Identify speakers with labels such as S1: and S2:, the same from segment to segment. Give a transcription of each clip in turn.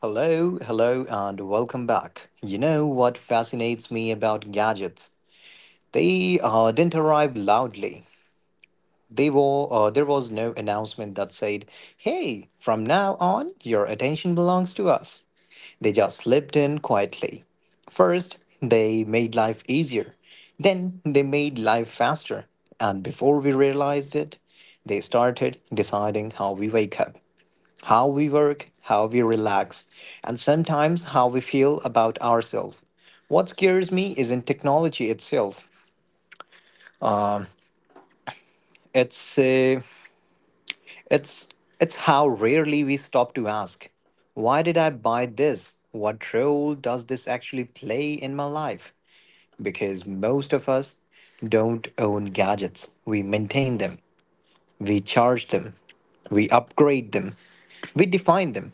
S1: Hello, hello, and welcome back. You know what fascinates me about gadgets? They didn't arrive loudly. There was no announcement that said, hey, from now on, your attention belongs to us. They just slipped in quietly. First, they made life easier. Then, they made life faster. And before we realized it, they started deciding how we wake up, how we work, how we relax, and sometimes how we feel about ourselves. What scares me isn't technology itself. It's uh, it's it's how rarely we stop to ask, why did I buy this? What role does this actually play in my life? Because most of us don't own gadgets. We maintain them. We charge them, we upgrade them, we define them,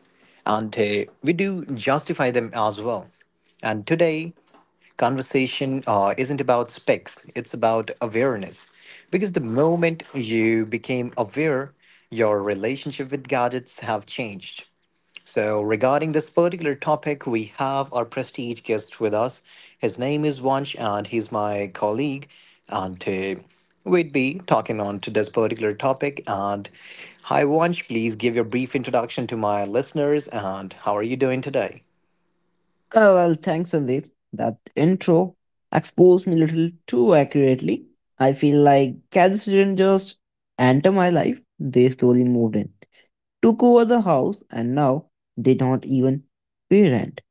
S1: and we do justify them as well. And today, conversation isn't about specs, it's about awareness. Because the moment you became aware, your relationship with gadgets have changed. So, regarding this particular topic, we have our prestige guest with us. His name is Vansh, and he's my colleague. And we'd be talking on to this particular topic. And hi, Vansh, please give your brief introduction to my listeners. And how are you doing today?
S2: Oh, well, thanks, Sandeep. That intro exposed me a little too accurately. I feel like cats didn't just enter my life, they slowly moved in, took over the house, and now they don't even pay rent.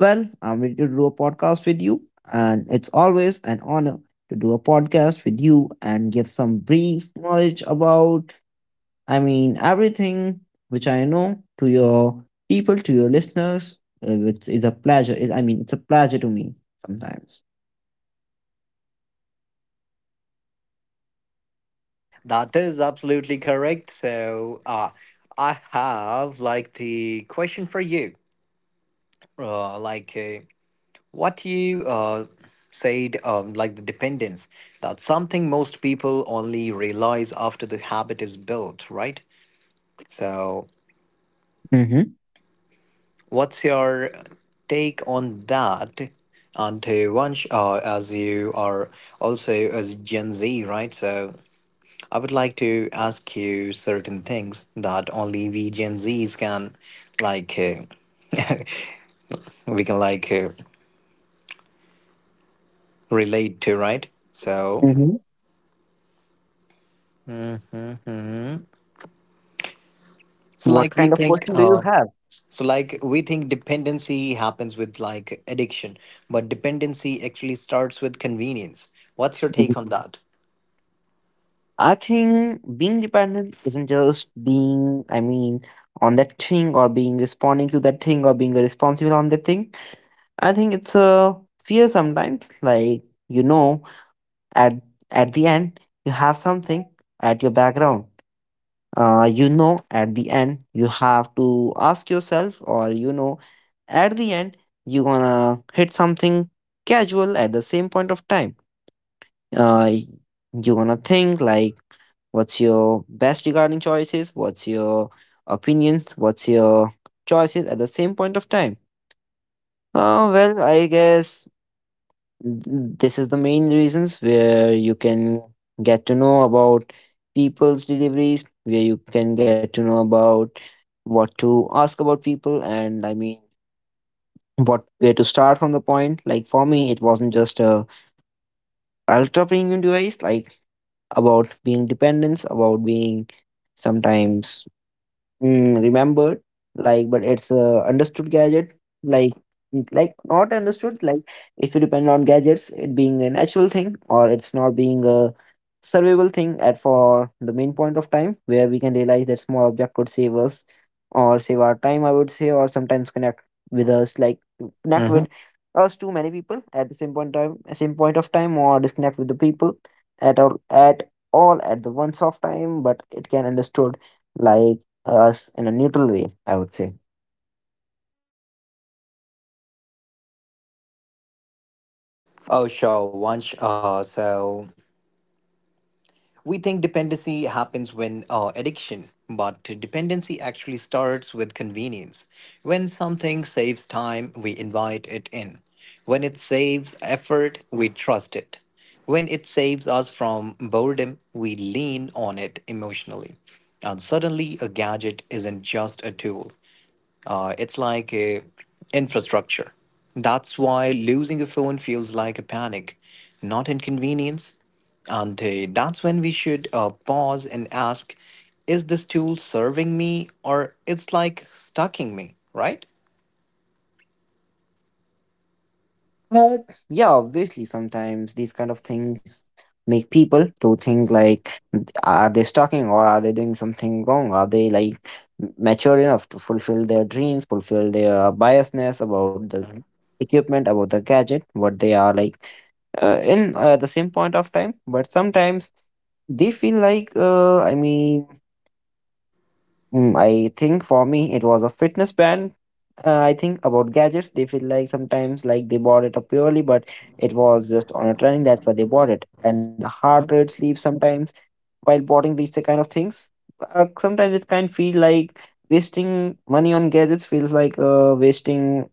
S2: Well, I'm ready to do a podcast with you, and it's always an honor to do a podcast with you and give some brief knowledge about I mean, everything which I know to your people, to your listeners, which is a pleasure. It, I mean, it's a pleasure to me sometimes.
S1: That is absolutely correct. So, I have like the question for you. Like, what you Said like the dependence, that's something most people only realize after the habit is built, right? So
S2: Mm-hmm.
S1: what's your take on that? And once as you are also as gen z, right? So I would like to ask you certain things that only we gen z's can like uh, we can like relate to, right? So
S2: Mm-hmm.
S1: So
S2: What
S1: like we
S2: kind of
S1: think
S2: question do you have?
S1: so like we think dependency happens with like addiction, but dependency actually starts with convenience. What's your
S2: Mhm.
S1: take on that?
S2: I think being dependent isn't just being, I mean, on that thing or being responding to that thing or being responsible on that thing. I think it's a fear sometimes. Like you know, at at the end, you have something at your background you know at the end you have to ask yourself or you know at the end you're gonna hit something casual at the same point of time uh, you're gonna think like what's your best regarding choices what's your opinions what's your choices at the same point of time well I guess this is the main reasons where you can get to know about people's deliveries where you can get to know about what to ask about people and I mean what where to start from the point like for me it wasn't just a ultra premium device like about being dependence about being sometimes Mm, remembered like but it's a understood gadget like like not understood like if you depend on gadgets it being a natural thing or it's not being a survivable thing at for the main point of time where we can realize that small object could save us or save our time I would say or sometimes connect with us like connect
S1: Hmm.
S2: with us to many people at the same point time same point of time or disconnect with the people at all at the once of time but it can understood like us in a neutral way, I would say.
S1: Oh, sure. Once, so We think dependency happens when addiction, but dependency actually starts with convenience. When something saves time, we invite it in. When it saves effort, we trust it. When it saves us from boredom, we lean on it emotionally. And suddenly, a gadget isn't just a tool, it's like a infrastructure. That's why losing a phone feels like a panic, not inconvenience. And that's when we should pause and ask, is this tool serving me or it's like stucking me, right?
S2: But yeah, obviously, sometimes these kind of things make people to think like, are they stalking or are they doing something wrong? Are they like mature enough to fulfill their dreams, fulfill their biasness about the equipment, about the gadget, what they are like in the same point of time? But sometimes they feel like, I mean, Mm, I think for me it was a fitness band. I think about gadgets. They feel like sometimes like they bought it up purely, but it was just on a trend. That's why they bought it. And the heart rate sleep sometimes while buying these the kind of things. Sometimes it can feel like wasting money on gadgets feels like wasting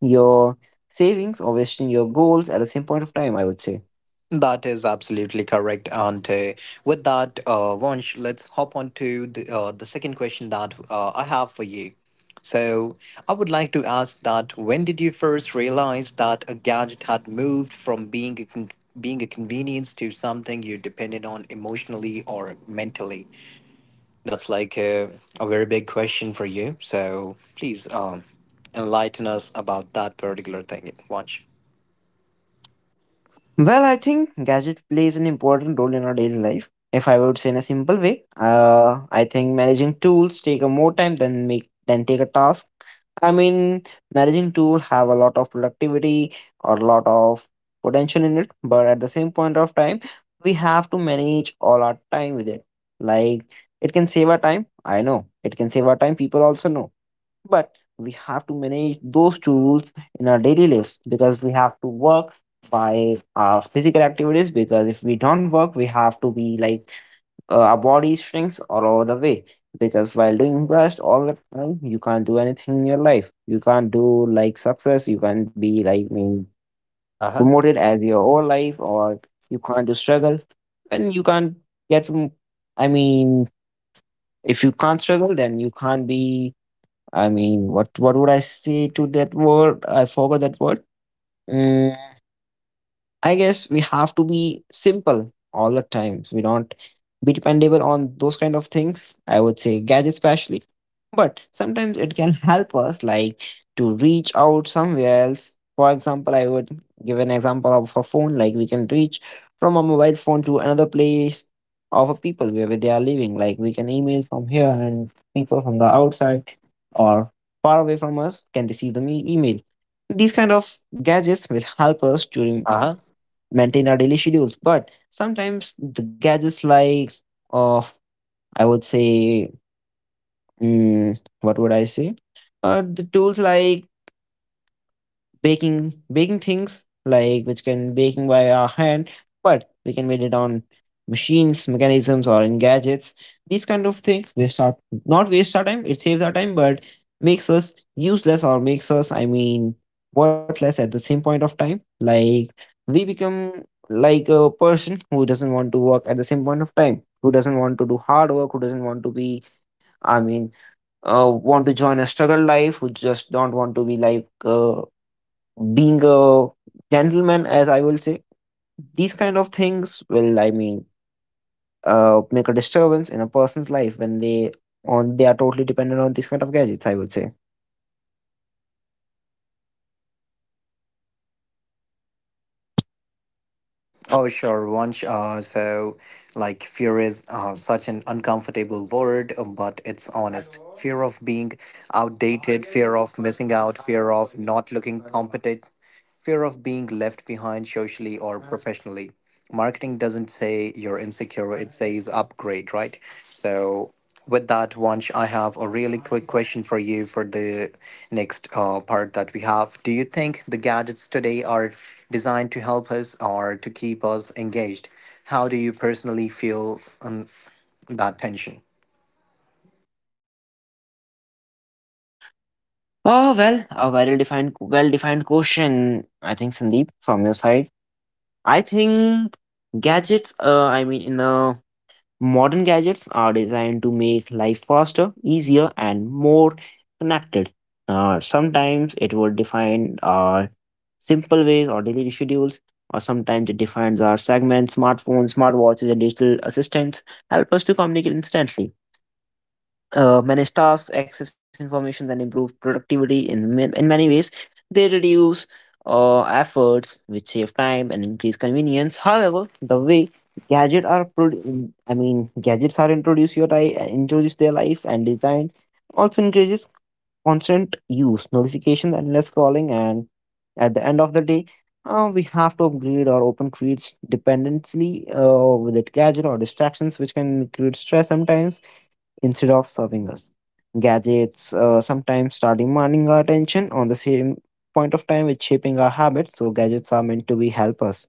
S2: your savings or wasting your goals at the same point of time. I would say.
S1: That is absolutely correct. And with that, Vansh, let's hop on to the the second question that I have for you. So, I would like to ask that when did you first realize that a gadget had moved from being a convenience to something you depended on emotionally or mentally? That's a very big question for you. So, please enlighten us about that particular thing, Vansh.
S2: Well, I think gadget plays an important role in our daily life. If I would say in a simple way, I think managing tools take a more time than make than take a task. I mean, managing tool have a lot of productivity or a lot of potential in it, but at the same point of time, we have to manage all our time with it. Like it can save our time. I know it can save our time. People also know but we have to manage those two rules in our daily lives because we have to work by our physical activities. Because if we don't work, we have to be like our body shrinks all over the way. Because while doing rest all the time, you can't do anything in your life. You can't do like success. You can't be like being
S1: Uh huh.
S2: promoted as your whole life, or you can't do struggle, and you can't get. I mean, if you can't struggle, then you can't be I mean, what would I say to that word? I forgot that word. Mm, I guess we have to be simple all the time. We don't be dependable on those kind of things. I would say gadgets especially. But sometimes it can help us like to reach out somewhere else. For example, I would give an example of a phone. Like we can reach from a mobile phone to another place of a people wherever they are living. Like we can email from here and people from the outside or far away from us can receive the email. These kind of gadgets will help us during
S1: Uh.
S2: maintain our daily schedules. But sometimes the gadgets like of I would say mm, what would I say? The tools like baking things like which can baking by our hand but we can made it on machines mechanisms or in gadgets these kind of things waste our not waste our time it saves our time but makes us useless or makes us I mean worthless at the same point of time like we become like a person who doesn't want to work at the same point of time who doesn't want to do hard work who doesn't want to be I mean want to join a struggle life who just don't want to be like being a gentleman as I will say these kind of things will I mean make a disturbance in a person's life when they on they are totally dependent on these kind of gadgets I would say
S1: Oh, sure, Vansh. Like, fear is such an uncomfortable word, but it's honest. Fear of being outdated, fear of missing out, fear of not looking competent. Fear of being left behind socially or professionally. Marketing doesn't say you're insecure, it says upgrade, right? So, with that, Vansh, I have a really quick question for you for the next part that we have. Do you think the gadgets today are designed to help us or to keep us engaged? How do you personally feel that tension?
S2: oh well a well defined question I think Sandeep from your side I think gadgets I mean in the modern gadgets are designed to make life faster easier and more connected sometimes it would define our simple ways or daily schedules, or sometimes it defines our segments, smartphones, smartwatches, and digital assistants help us to communicate instantly, manage tasks, access information, and improve productivity in, in many ways. They reduce efforts, which save time and increase convenience. However, the way gadgets are I mean gadgets are introduced your life, introduce their life and design also increases constant use, notifications, endless scrolling, and at the end of the day, we have to upgrade or open creates dependency with it gadget or distractions, which can create stress sometimes instead of serving us. Gadgets sometimes start demanding our attention on the same point of time with shaping our habits. So gadgets are meant to be help us,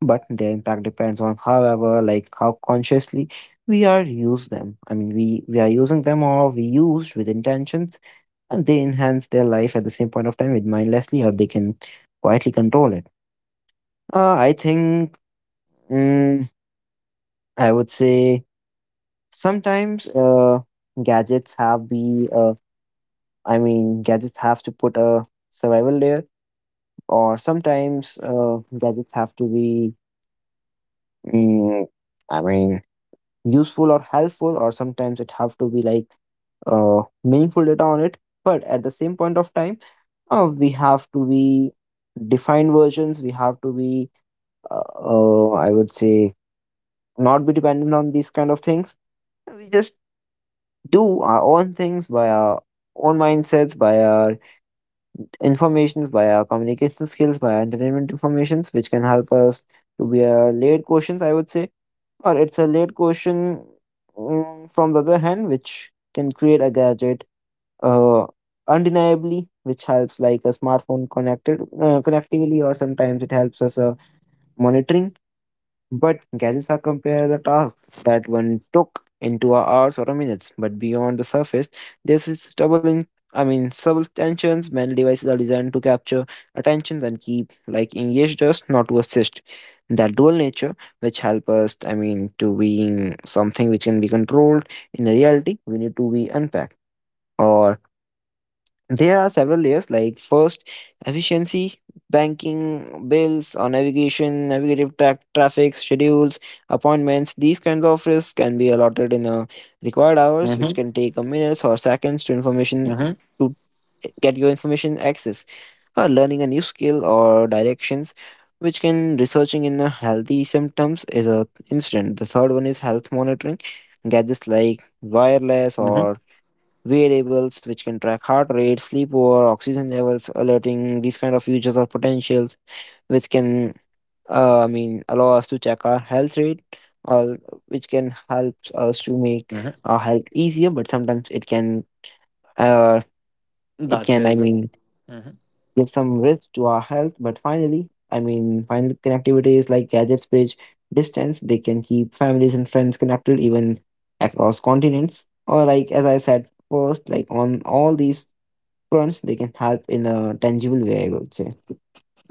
S2: but their impact depends on however, like how consciously we are use them. I mean, we are using them or we used with intentions and they enhance their life at the same point of time with mindlessly or they can quietly control it I think mm, I would say sometimes gadgets have be I mean gadgets have to put a survival layer or sometimes gadgets have to be mm, I mean useful or helpful or sometimes it have to be like meaningful data on it but at the same point of time we have to be defined versions we have to be I would say, not be dependent on these kind of things. We just do our own things by our own mindsets, by our informations, by our communication skills, by our entertainment informations, which can help us to be a laid questions, I would say, or it's a laid question mm, from the other hand, which can create a gadget. Uh, Undeniably which helps like a smartphone connected connectively or sometimes it helps us monitoring But gadgets are compare the tasks that one took into hours or minutes, but beyond the surface, this is double in I mean subtensions. Many devices are designed to capture attentions and keep like engaged us, not to assist. That dual nature, which help us, I mean, to being something which can be controlled in the reality, we need to be unpacked or there are several layers like first efficiency, banking, bills, or navigation, traffic, schedules, appointments. These kinds of risks can be allotted in a required hours, which
S1: Mm-hmm.
S2: can take a minutes or seconds to information
S1: Mm-hmm.
S2: to get your information access, or learning a new skill or directions, which can researching in a healthy symptoms is a instant. The third one is health monitoring. Gadgets like wireless
S1: Mm-hmm.
S2: or variables which can track heart rate, sleepwear, oxygen levels, alerting, these kind of features or potentials which can, I mean, allow us to check our health rate or which can help us to make
S1: Mm-hmm.
S2: our health easier, but sometimes uh, it
S1: That
S2: can, I
S1: is-
S2: mean,
S1: Mhm.
S2: give some risk to our health. But finally, I mean, final connectivity is like gadgets bridge distance. They can keep families and friends connected even across continents. Or like as I said first, like on all these fronts they can help in a tangible way, I would say.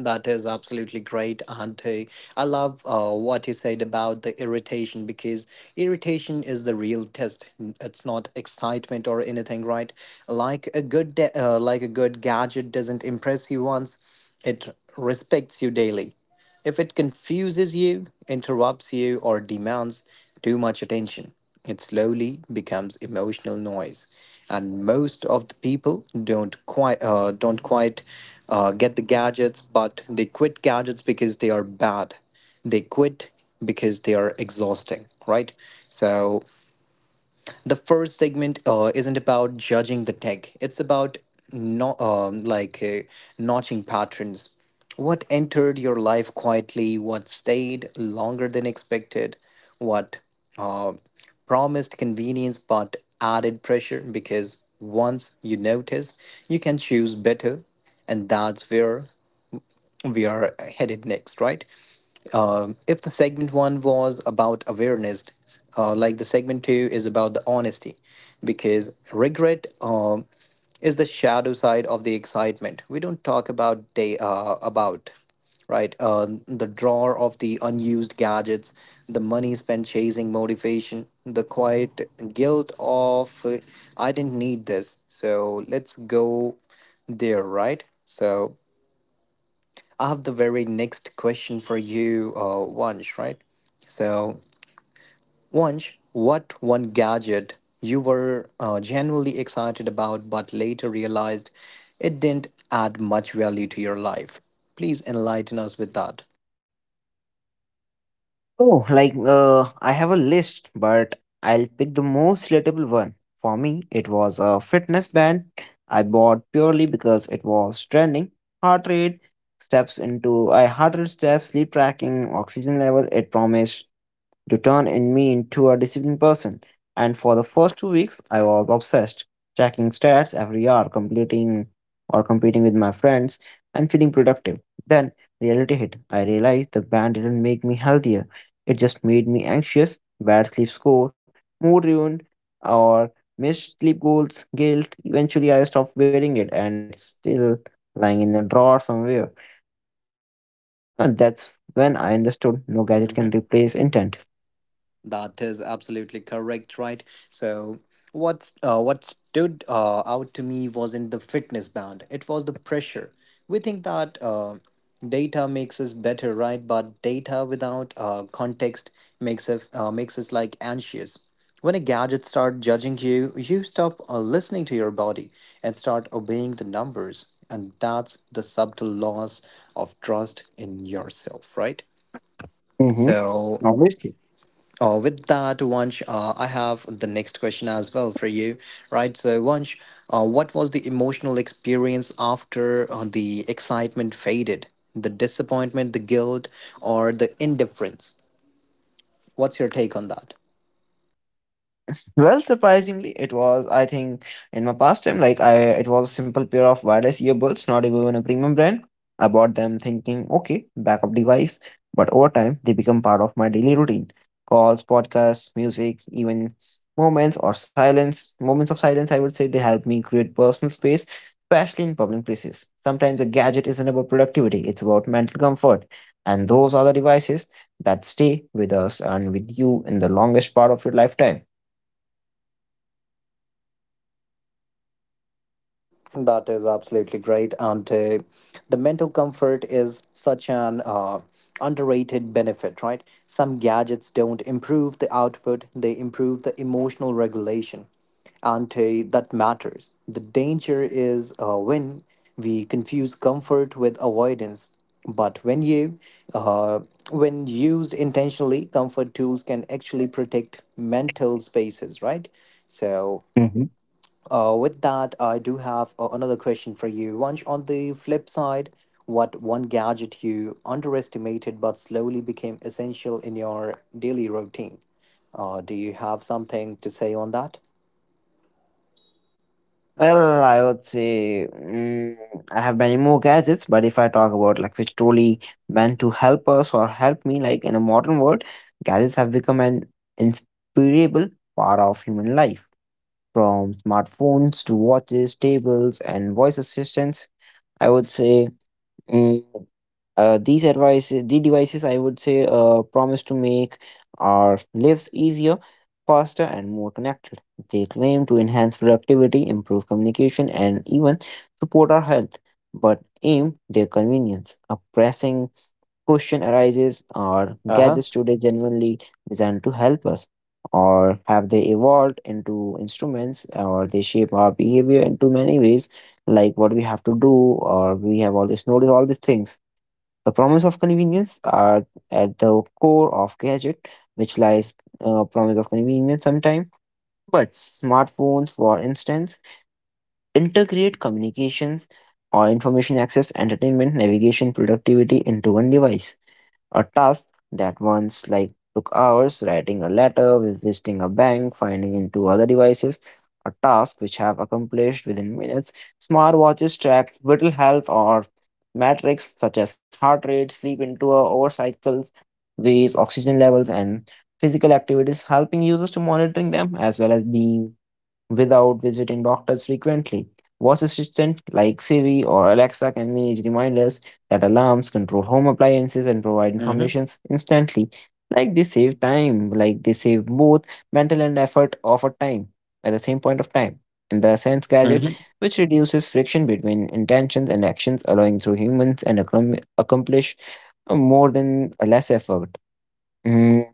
S1: That is absolutely great, and I love what you said about the irritation because irritation is the real test. It's not excitement or anything, right? Like a good gadget doesn't impress you once, it respects you daily. If it confuses you, interrupts you, or demands too much attention, it slowly becomes emotional noise. And most of the people don't quite get the gadgets, but they quit gadgets because they are bad. They quit because they are exhausting, right? So the first segment isn't about judging the tech, it's about no, like notching patterns. What entered your life quietly, what stayed longer than expected, what uh, promised convenience but added pressure. Because once you notice, you can choose better, and that's where we are headed next, right? If the segment one was about awareness, like the segment two is about the honesty, because regret is the shadow side of the excitement. We don't talk about day about right The drawer of the unused gadgets, the money spent chasing motivation, the quiet guilt of I didn't need this, so let's go there, right? So. I have the very next question for you, Vansh, right? So, Vansh, what one gadget you were genuinely excited about but later realized it didn't add much value to your life? Please enlighten us with that.
S2: Oh, I have a list, but I'll pick the most relatable one. For me, it was a fitness band I bought purely because it was trending. Heart rate steps into I heart rate, steps, sleep tracking, oxygen level. It promised to turn in me into a disciplined person. And for the first 2 weeks, I was obsessed, checking stats every hour, completing or competing with my friends, and feeling productive. Then reality hit. I realized the band didn't make me healthier, it just made me anxious. Bad sleep score, mood ruined, or missed sleep goals, guilt. Eventually, I stopped wearing it, and it's still lying in a drawer somewhere. And that's when I understood no gadget can replace intent.
S1: That is absolutely correct, right? So what stood out to me wasn't the fitness band; it was the pressure. We think that data makes us better, right? But data without context makes us like anxious. When a gadget starts judging you, you stop listening to your body and start obeying the numbers, and that's the subtle loss of trust in yourself, right?
S2: Mm-hmm.
S1: So.
S2: Obviously.
S1: Oh, with that, Vansh, I have the next question as well for you, right? So, Vansh, what was the emotional experience after the excitement faded? The disappointment, the guilt, or the indifference? What's your take on that?
S2: Well, surprisingly, it was. I think in my past time, it was a simple pair of wireless earbuds, not even a premium brand. I bought them thinking, okay, backup device. But over time, they become part of my daily routine. Calls, podcasts, music, even moments of silence. I would say they help me create personal space, especially in public places. Sometimes a gadget isn't about productivity; it's about mental comfort, and those are the devices that stay with us and with you in the longest part of your lifetime.
S1: That is absolutely great, and the mental comfort is such an underrated benefit, right? Some gadgets don't improve the output; they improve the emotional regulation, and that matters. The danger is when we confuse comfort with avoidance. But uh, when used intentionally, comfort tools can actually protect mental spaces, right? So
S2: Mhm.
S1: with that, I do have another question for you. Vansh, on the flip side, what one gadget you underestimated but slowly became essential in your daily routine? Do you have something to say on that?
S2: Well, I would say, I have many more gadgets, but if I talk about like which truly meant to help us or help me, like in a modern world, gadgets have become an inseparable part of human life. From smartphones to watches, tables, and voice assistants, I would say, mm, these advice, the devices, I would say, promise to make our lives easier, faster, and more connected. They claim to enhance productivity, improve communication, and even support our health, but aim their convenience. A pressing question arises: are
S1: Uh huh.
S2: gadgets today genuinely designed to help us, or have they evolved into instruments, or they shape our behavior in too many ways, like what we have to do, or we have all this notice all these things? The promise of convenience are at the core of gadget, which lies promise of convenience sometimes. But smartphones, for instance, integrate communications or information access, entertainment, navigation, productivity into one device. A task that once like took hours, writing a letter, visiting a bank, finding into other devices, a task which have accomplished within minutes. Smartwatches track vital health or metrics such as heart rate, sleep interval, over cycles, ways, oxygen levels, and physical activities, helping users to monitoring them as well as being without visiting doctors frequently. Voice assistant like Siri or Alexa can manage reminders that alarms, control home appliances, and provide
S1: Mm-hmm.
S2: information instantly. Like they save time, like they save both mental and effort of a time at the same point of time. In the sense gadget,
S1: Mm-hmm.
S2: which reduces friction between intentions and actions, allowing through humans and accomplish more than less effort. Mm,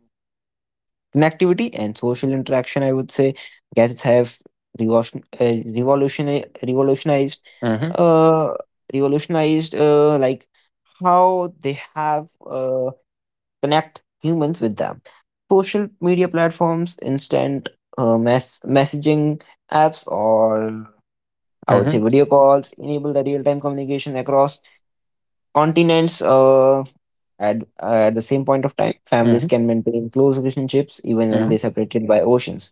S2: Connectivity and social interaction, I would say gadgets have revolution, uh, revolution revolutionized,
S1: Mm-hmm.
S2: uh revolutionized uh, like how they have, connect humans with them. Social media platforms, instant messaging apps, or I would say
S1: Mm-hmm.
S2: video calls enable the real-time communication across continents. At the same point of time, families can maintain close relationships even when
S1: Mm-hmm.
S2: they're separated by oceans.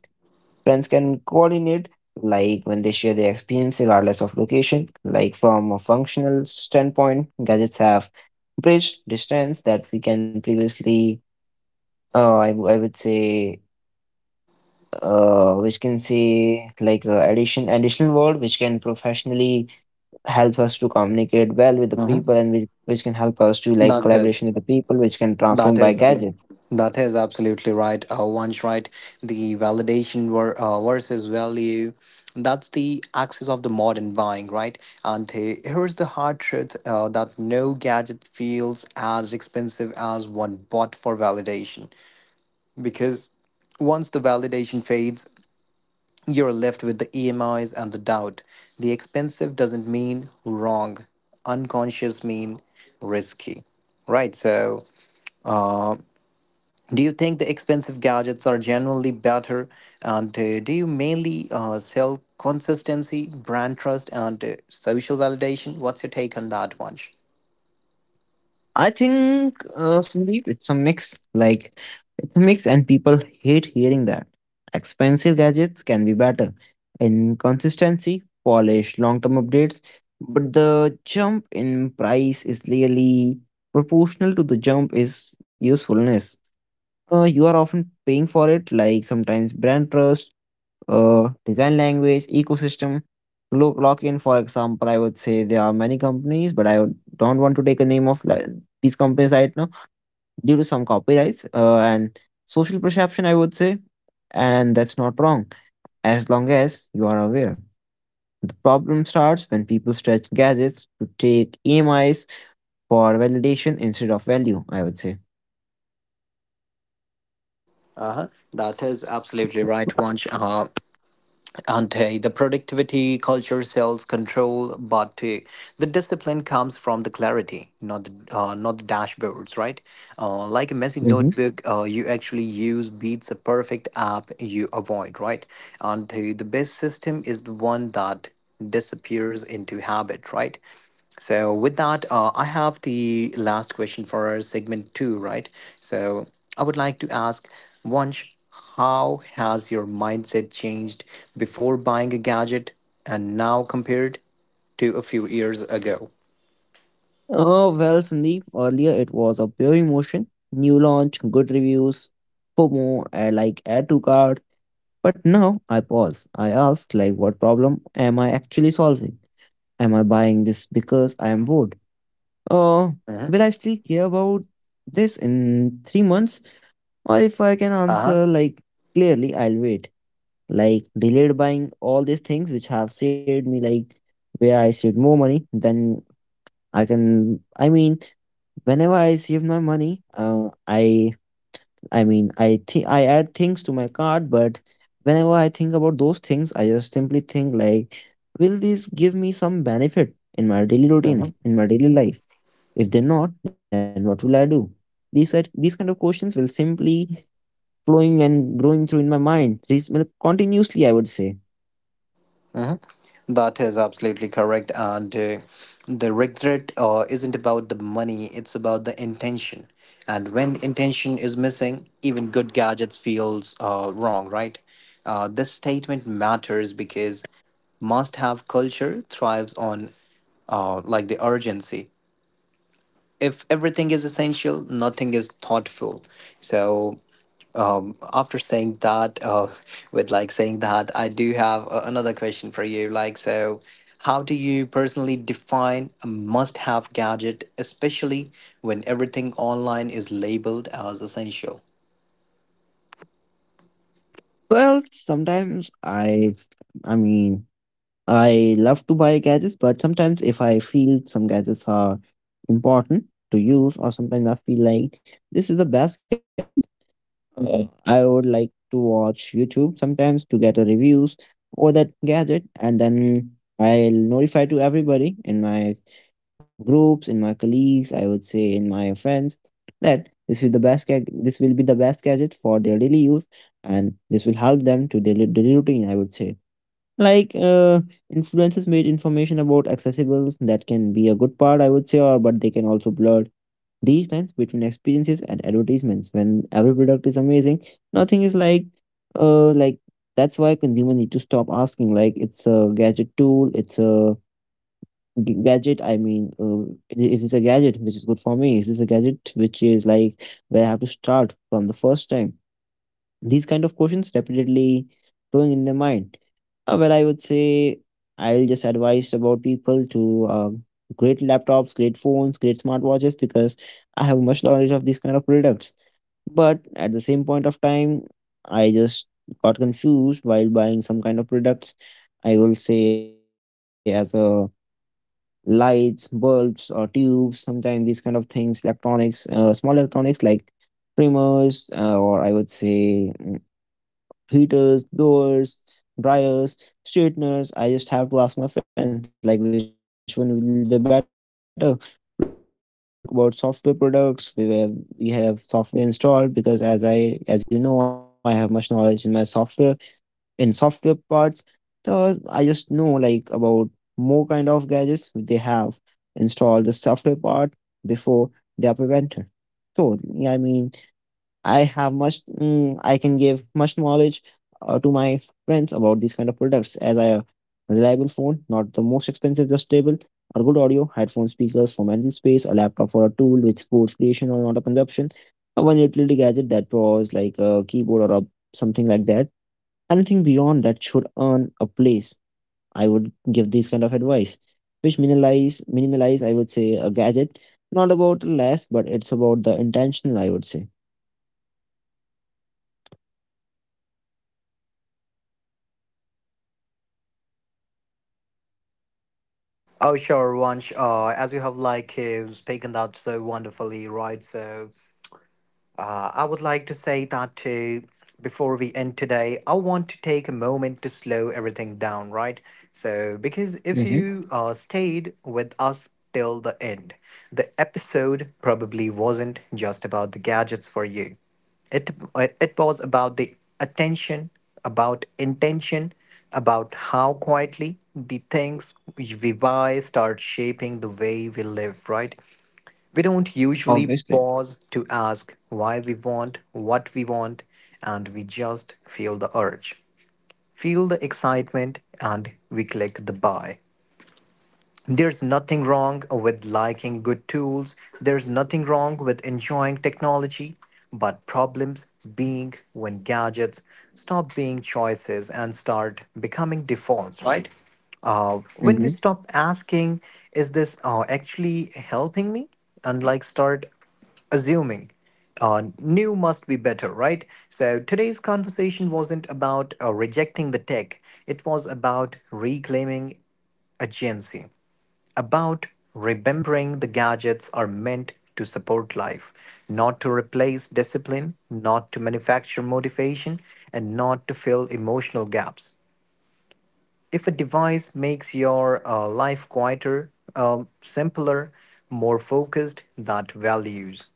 S2: Friends can coordinate like when they share their experience regardless of location. Like from a functional standpoint, gadgets have bridged distance that we can previously, I would say, which can say like additional word which can professionally help us to communicate well with the
S1: Mm-hmm.
S2: people, and which can help us to like
S1: That is.
S2: collaboration with the people which can
S1: That
S2: transform by
S1: is
S2: gadget.
S1: that is absolutely right. Once right, the versus value. That's the axis of the modern buying, right? And here's the hard truth that no gadget feels as expensive as one bought for validation. Because once the validation fades, you're left with the EMIs and the doubt. The expensive doesn't mean wrong, unconscious mean risky, right? So do you think the expensive gadgets are generally better? And do you mainly sell consistency, brand trust, and social validation? What's your take on that, Vansh?
S2: I think, Sandeep, it's a mix. It's a mix, and people hate hearing that. Expensive gadgets can be better in consistency, polish, long term updates, but the jump in price is really proportional to the jump is usefulness. You are often paying for it, like sometimes brand trust, design language, ecosystem, look lock in. For example, I would say there are many companies, but don't want to take a name of like, these companies right now due to some copyrights, and social perception, I would say, and that's not wrong as long as you are aware. The problem starts when people stretch gadgets to take EMIs for validation instead of value, I would say.
S1: Uh-huh. That is absolutely right, Vansh. And the productivity culture sells control, but the discipline comes from the clarity, not not the dashboards, right? Like a messy
S2: Hmm.
S1: notebook, you actually use beats a perfect app you avoid, right? And the best system is the one that disappears into habit, right? So with that, I have the last question for our segment two, right? So I would like to ask, Vansh. How has your mindset changed before buying a gadget and now compared to a few years ago?
S2: Oh, well, Sandeep, earlier it was a pure emotion, new launch, good reviews, FOMO, like add to cart. But now I pause. I ask, like, what problem am I actually solving? Am I buying this because I am bored? Uh,
S1: Hmm.
S2: will I still care about this in 3 months? Or if I can
S1: Uh-huh.
S2: answer like clearly, I'll wait. Like delayed buying all these things which have saved me, like where I saved more money, then I mean whenever I save my money, I mean I think I add things to my cart, but whenever I think about those things, I just simply think like will this give me some benefit in my daily
S1: Hmm.
S2: routine, in my daily life? If they're not, then what will I do? These are these kind of questions will simply flowing and growing through in my mind. These will continuously, I would say.
S1: That is absolutely correct. And the regret isn't about the money, it's about the intention. And when intention is missing, even good gadgets feels wrong, right? This statement matters because must-have culture thrives on like the urgency. If everything is essential, nothing is thoughtful. So after saying that, with like saying that, I do have another question for you. Like, so how do you personally define a must-have gadget, especially when everything online is labeled as essential?
S2: Well, sometimes I mean, I love to buy gadgets, but sometimes if I feel some gadgets are important to use, or sometimes I feel like this is the best gadget, I would like to watch YouTube sometimes to get a reviews for that gadget, and then I'll notify to everybody in my groups, in my colleagues, I would say in my friends that this will be the best gadget for their daily use, and this will help them to daily, daily routine, I would say. Like uh, Influences made information about accessibles, that can be a good part, I would say, or but they can also blur these lines between experiences and advertisements. When every product is amazing, nothing is like, uh like that's why consumer need to stop asking like it's a gadget tool, it's a g- gadget I mean is this a gadget which is good for me, is this a gadget which is like where I have to start from the first time. These kind of questions repeatedly going in their mind. Well, I would say I'll just advise about people to, great laptops, great phones, great smartwatches, because I have much knowledge of these kind of products. But at the same point of time, I just got confused while buying some kind of products. I will say as a lights, bulbs, or tubes. Sometimes these kind of things, electronics, small electronics like trimmers, or I would say, heaters, blowers, dryers, straighteners. I just have to ask my friends, like, which one will be the better product for me? But if we talk about software products, we have software installed because as you know, I have much knowledge in my software, in software parts. The I just know like about more kind of gadgets they have installed the software part before they are prevented. So yeah, I mean, I have much, I can give much knowledge to my friends about these kind of products. As I a reliable phone, not the most expensive, just stable, a good audio headphone, speakers for mental space, a laptop for a tool which supports creation or not a consumption, a one utility gadget that was like a keyboard or a, something like that. Anything beyond that should earn a place, I would give this kind of advice, which minimalize, I would say, a gadget, not about less, but it's about the intentional, I would say.
S1: Oh, sure, Vansh. As you have spoken that so wonderfully, right? So I would like to say that too. Before we end today, I want to take a moment to slow everything down, right? So, because if
S2: Mm-hmm.
S1: you stayed with us till the end, the episode probably wasn't just about the gadgets for you. It was about the attention, about intention, about how quietly the things we buy start shaping the way we live, right? We don't usually
S2: Obviously.
S1: pause to ask why we want what we want, and we just feel the urge, feel the excitement, and we click the buy. There's nothing wrong with liking good tools. There's nothing wrong with enjoying technology. But problems being when gadgets stop being choices and start becoming defaults, right? When we
S2: Mm-hmm.
S1: stop asking, is this actually helping me? And like start assuming new must be better, right? So today's conversation wasn't about rejecting the tech, it was about reclaiming agency, about remembering the gadgets are meant to support life, not to replace discipline, not to manufacture motivation, and not to fill emotional gaps. If a device makes your life quieter, simpler, more focused, that values.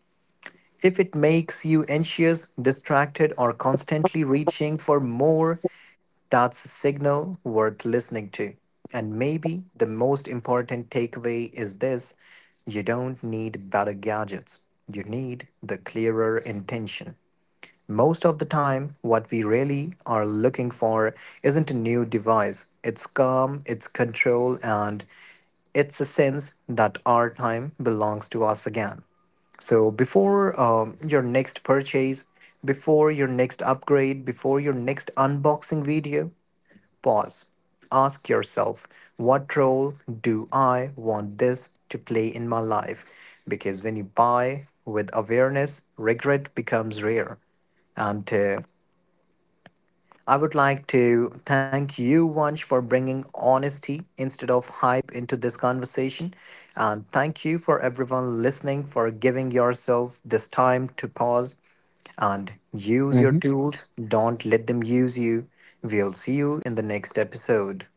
S1: If it makes you anxious, distracted, or constantly reaching for more, that's a signal worth listening to. And maybe the most important takeaway is this: you don't need better gadgets, you need the clearer intention. Most of the time, what we really are looking for isn't a new device, it's calm, it's control, and it's a sense that our time belongs to us again. So before your next purchase, before your next upgrade, before your next unboxing video, pause. Ask yourself, what role do I want this to play in my life? Because when you buy with awareness, regret becomes rare. And I would like to thank you, Vansh, for bringing honesty instead of hype into this conversation. And thank you for everyone listening for giving yourself this time to pause and use your tools. Don't let them use you. We'll see you in the next episode.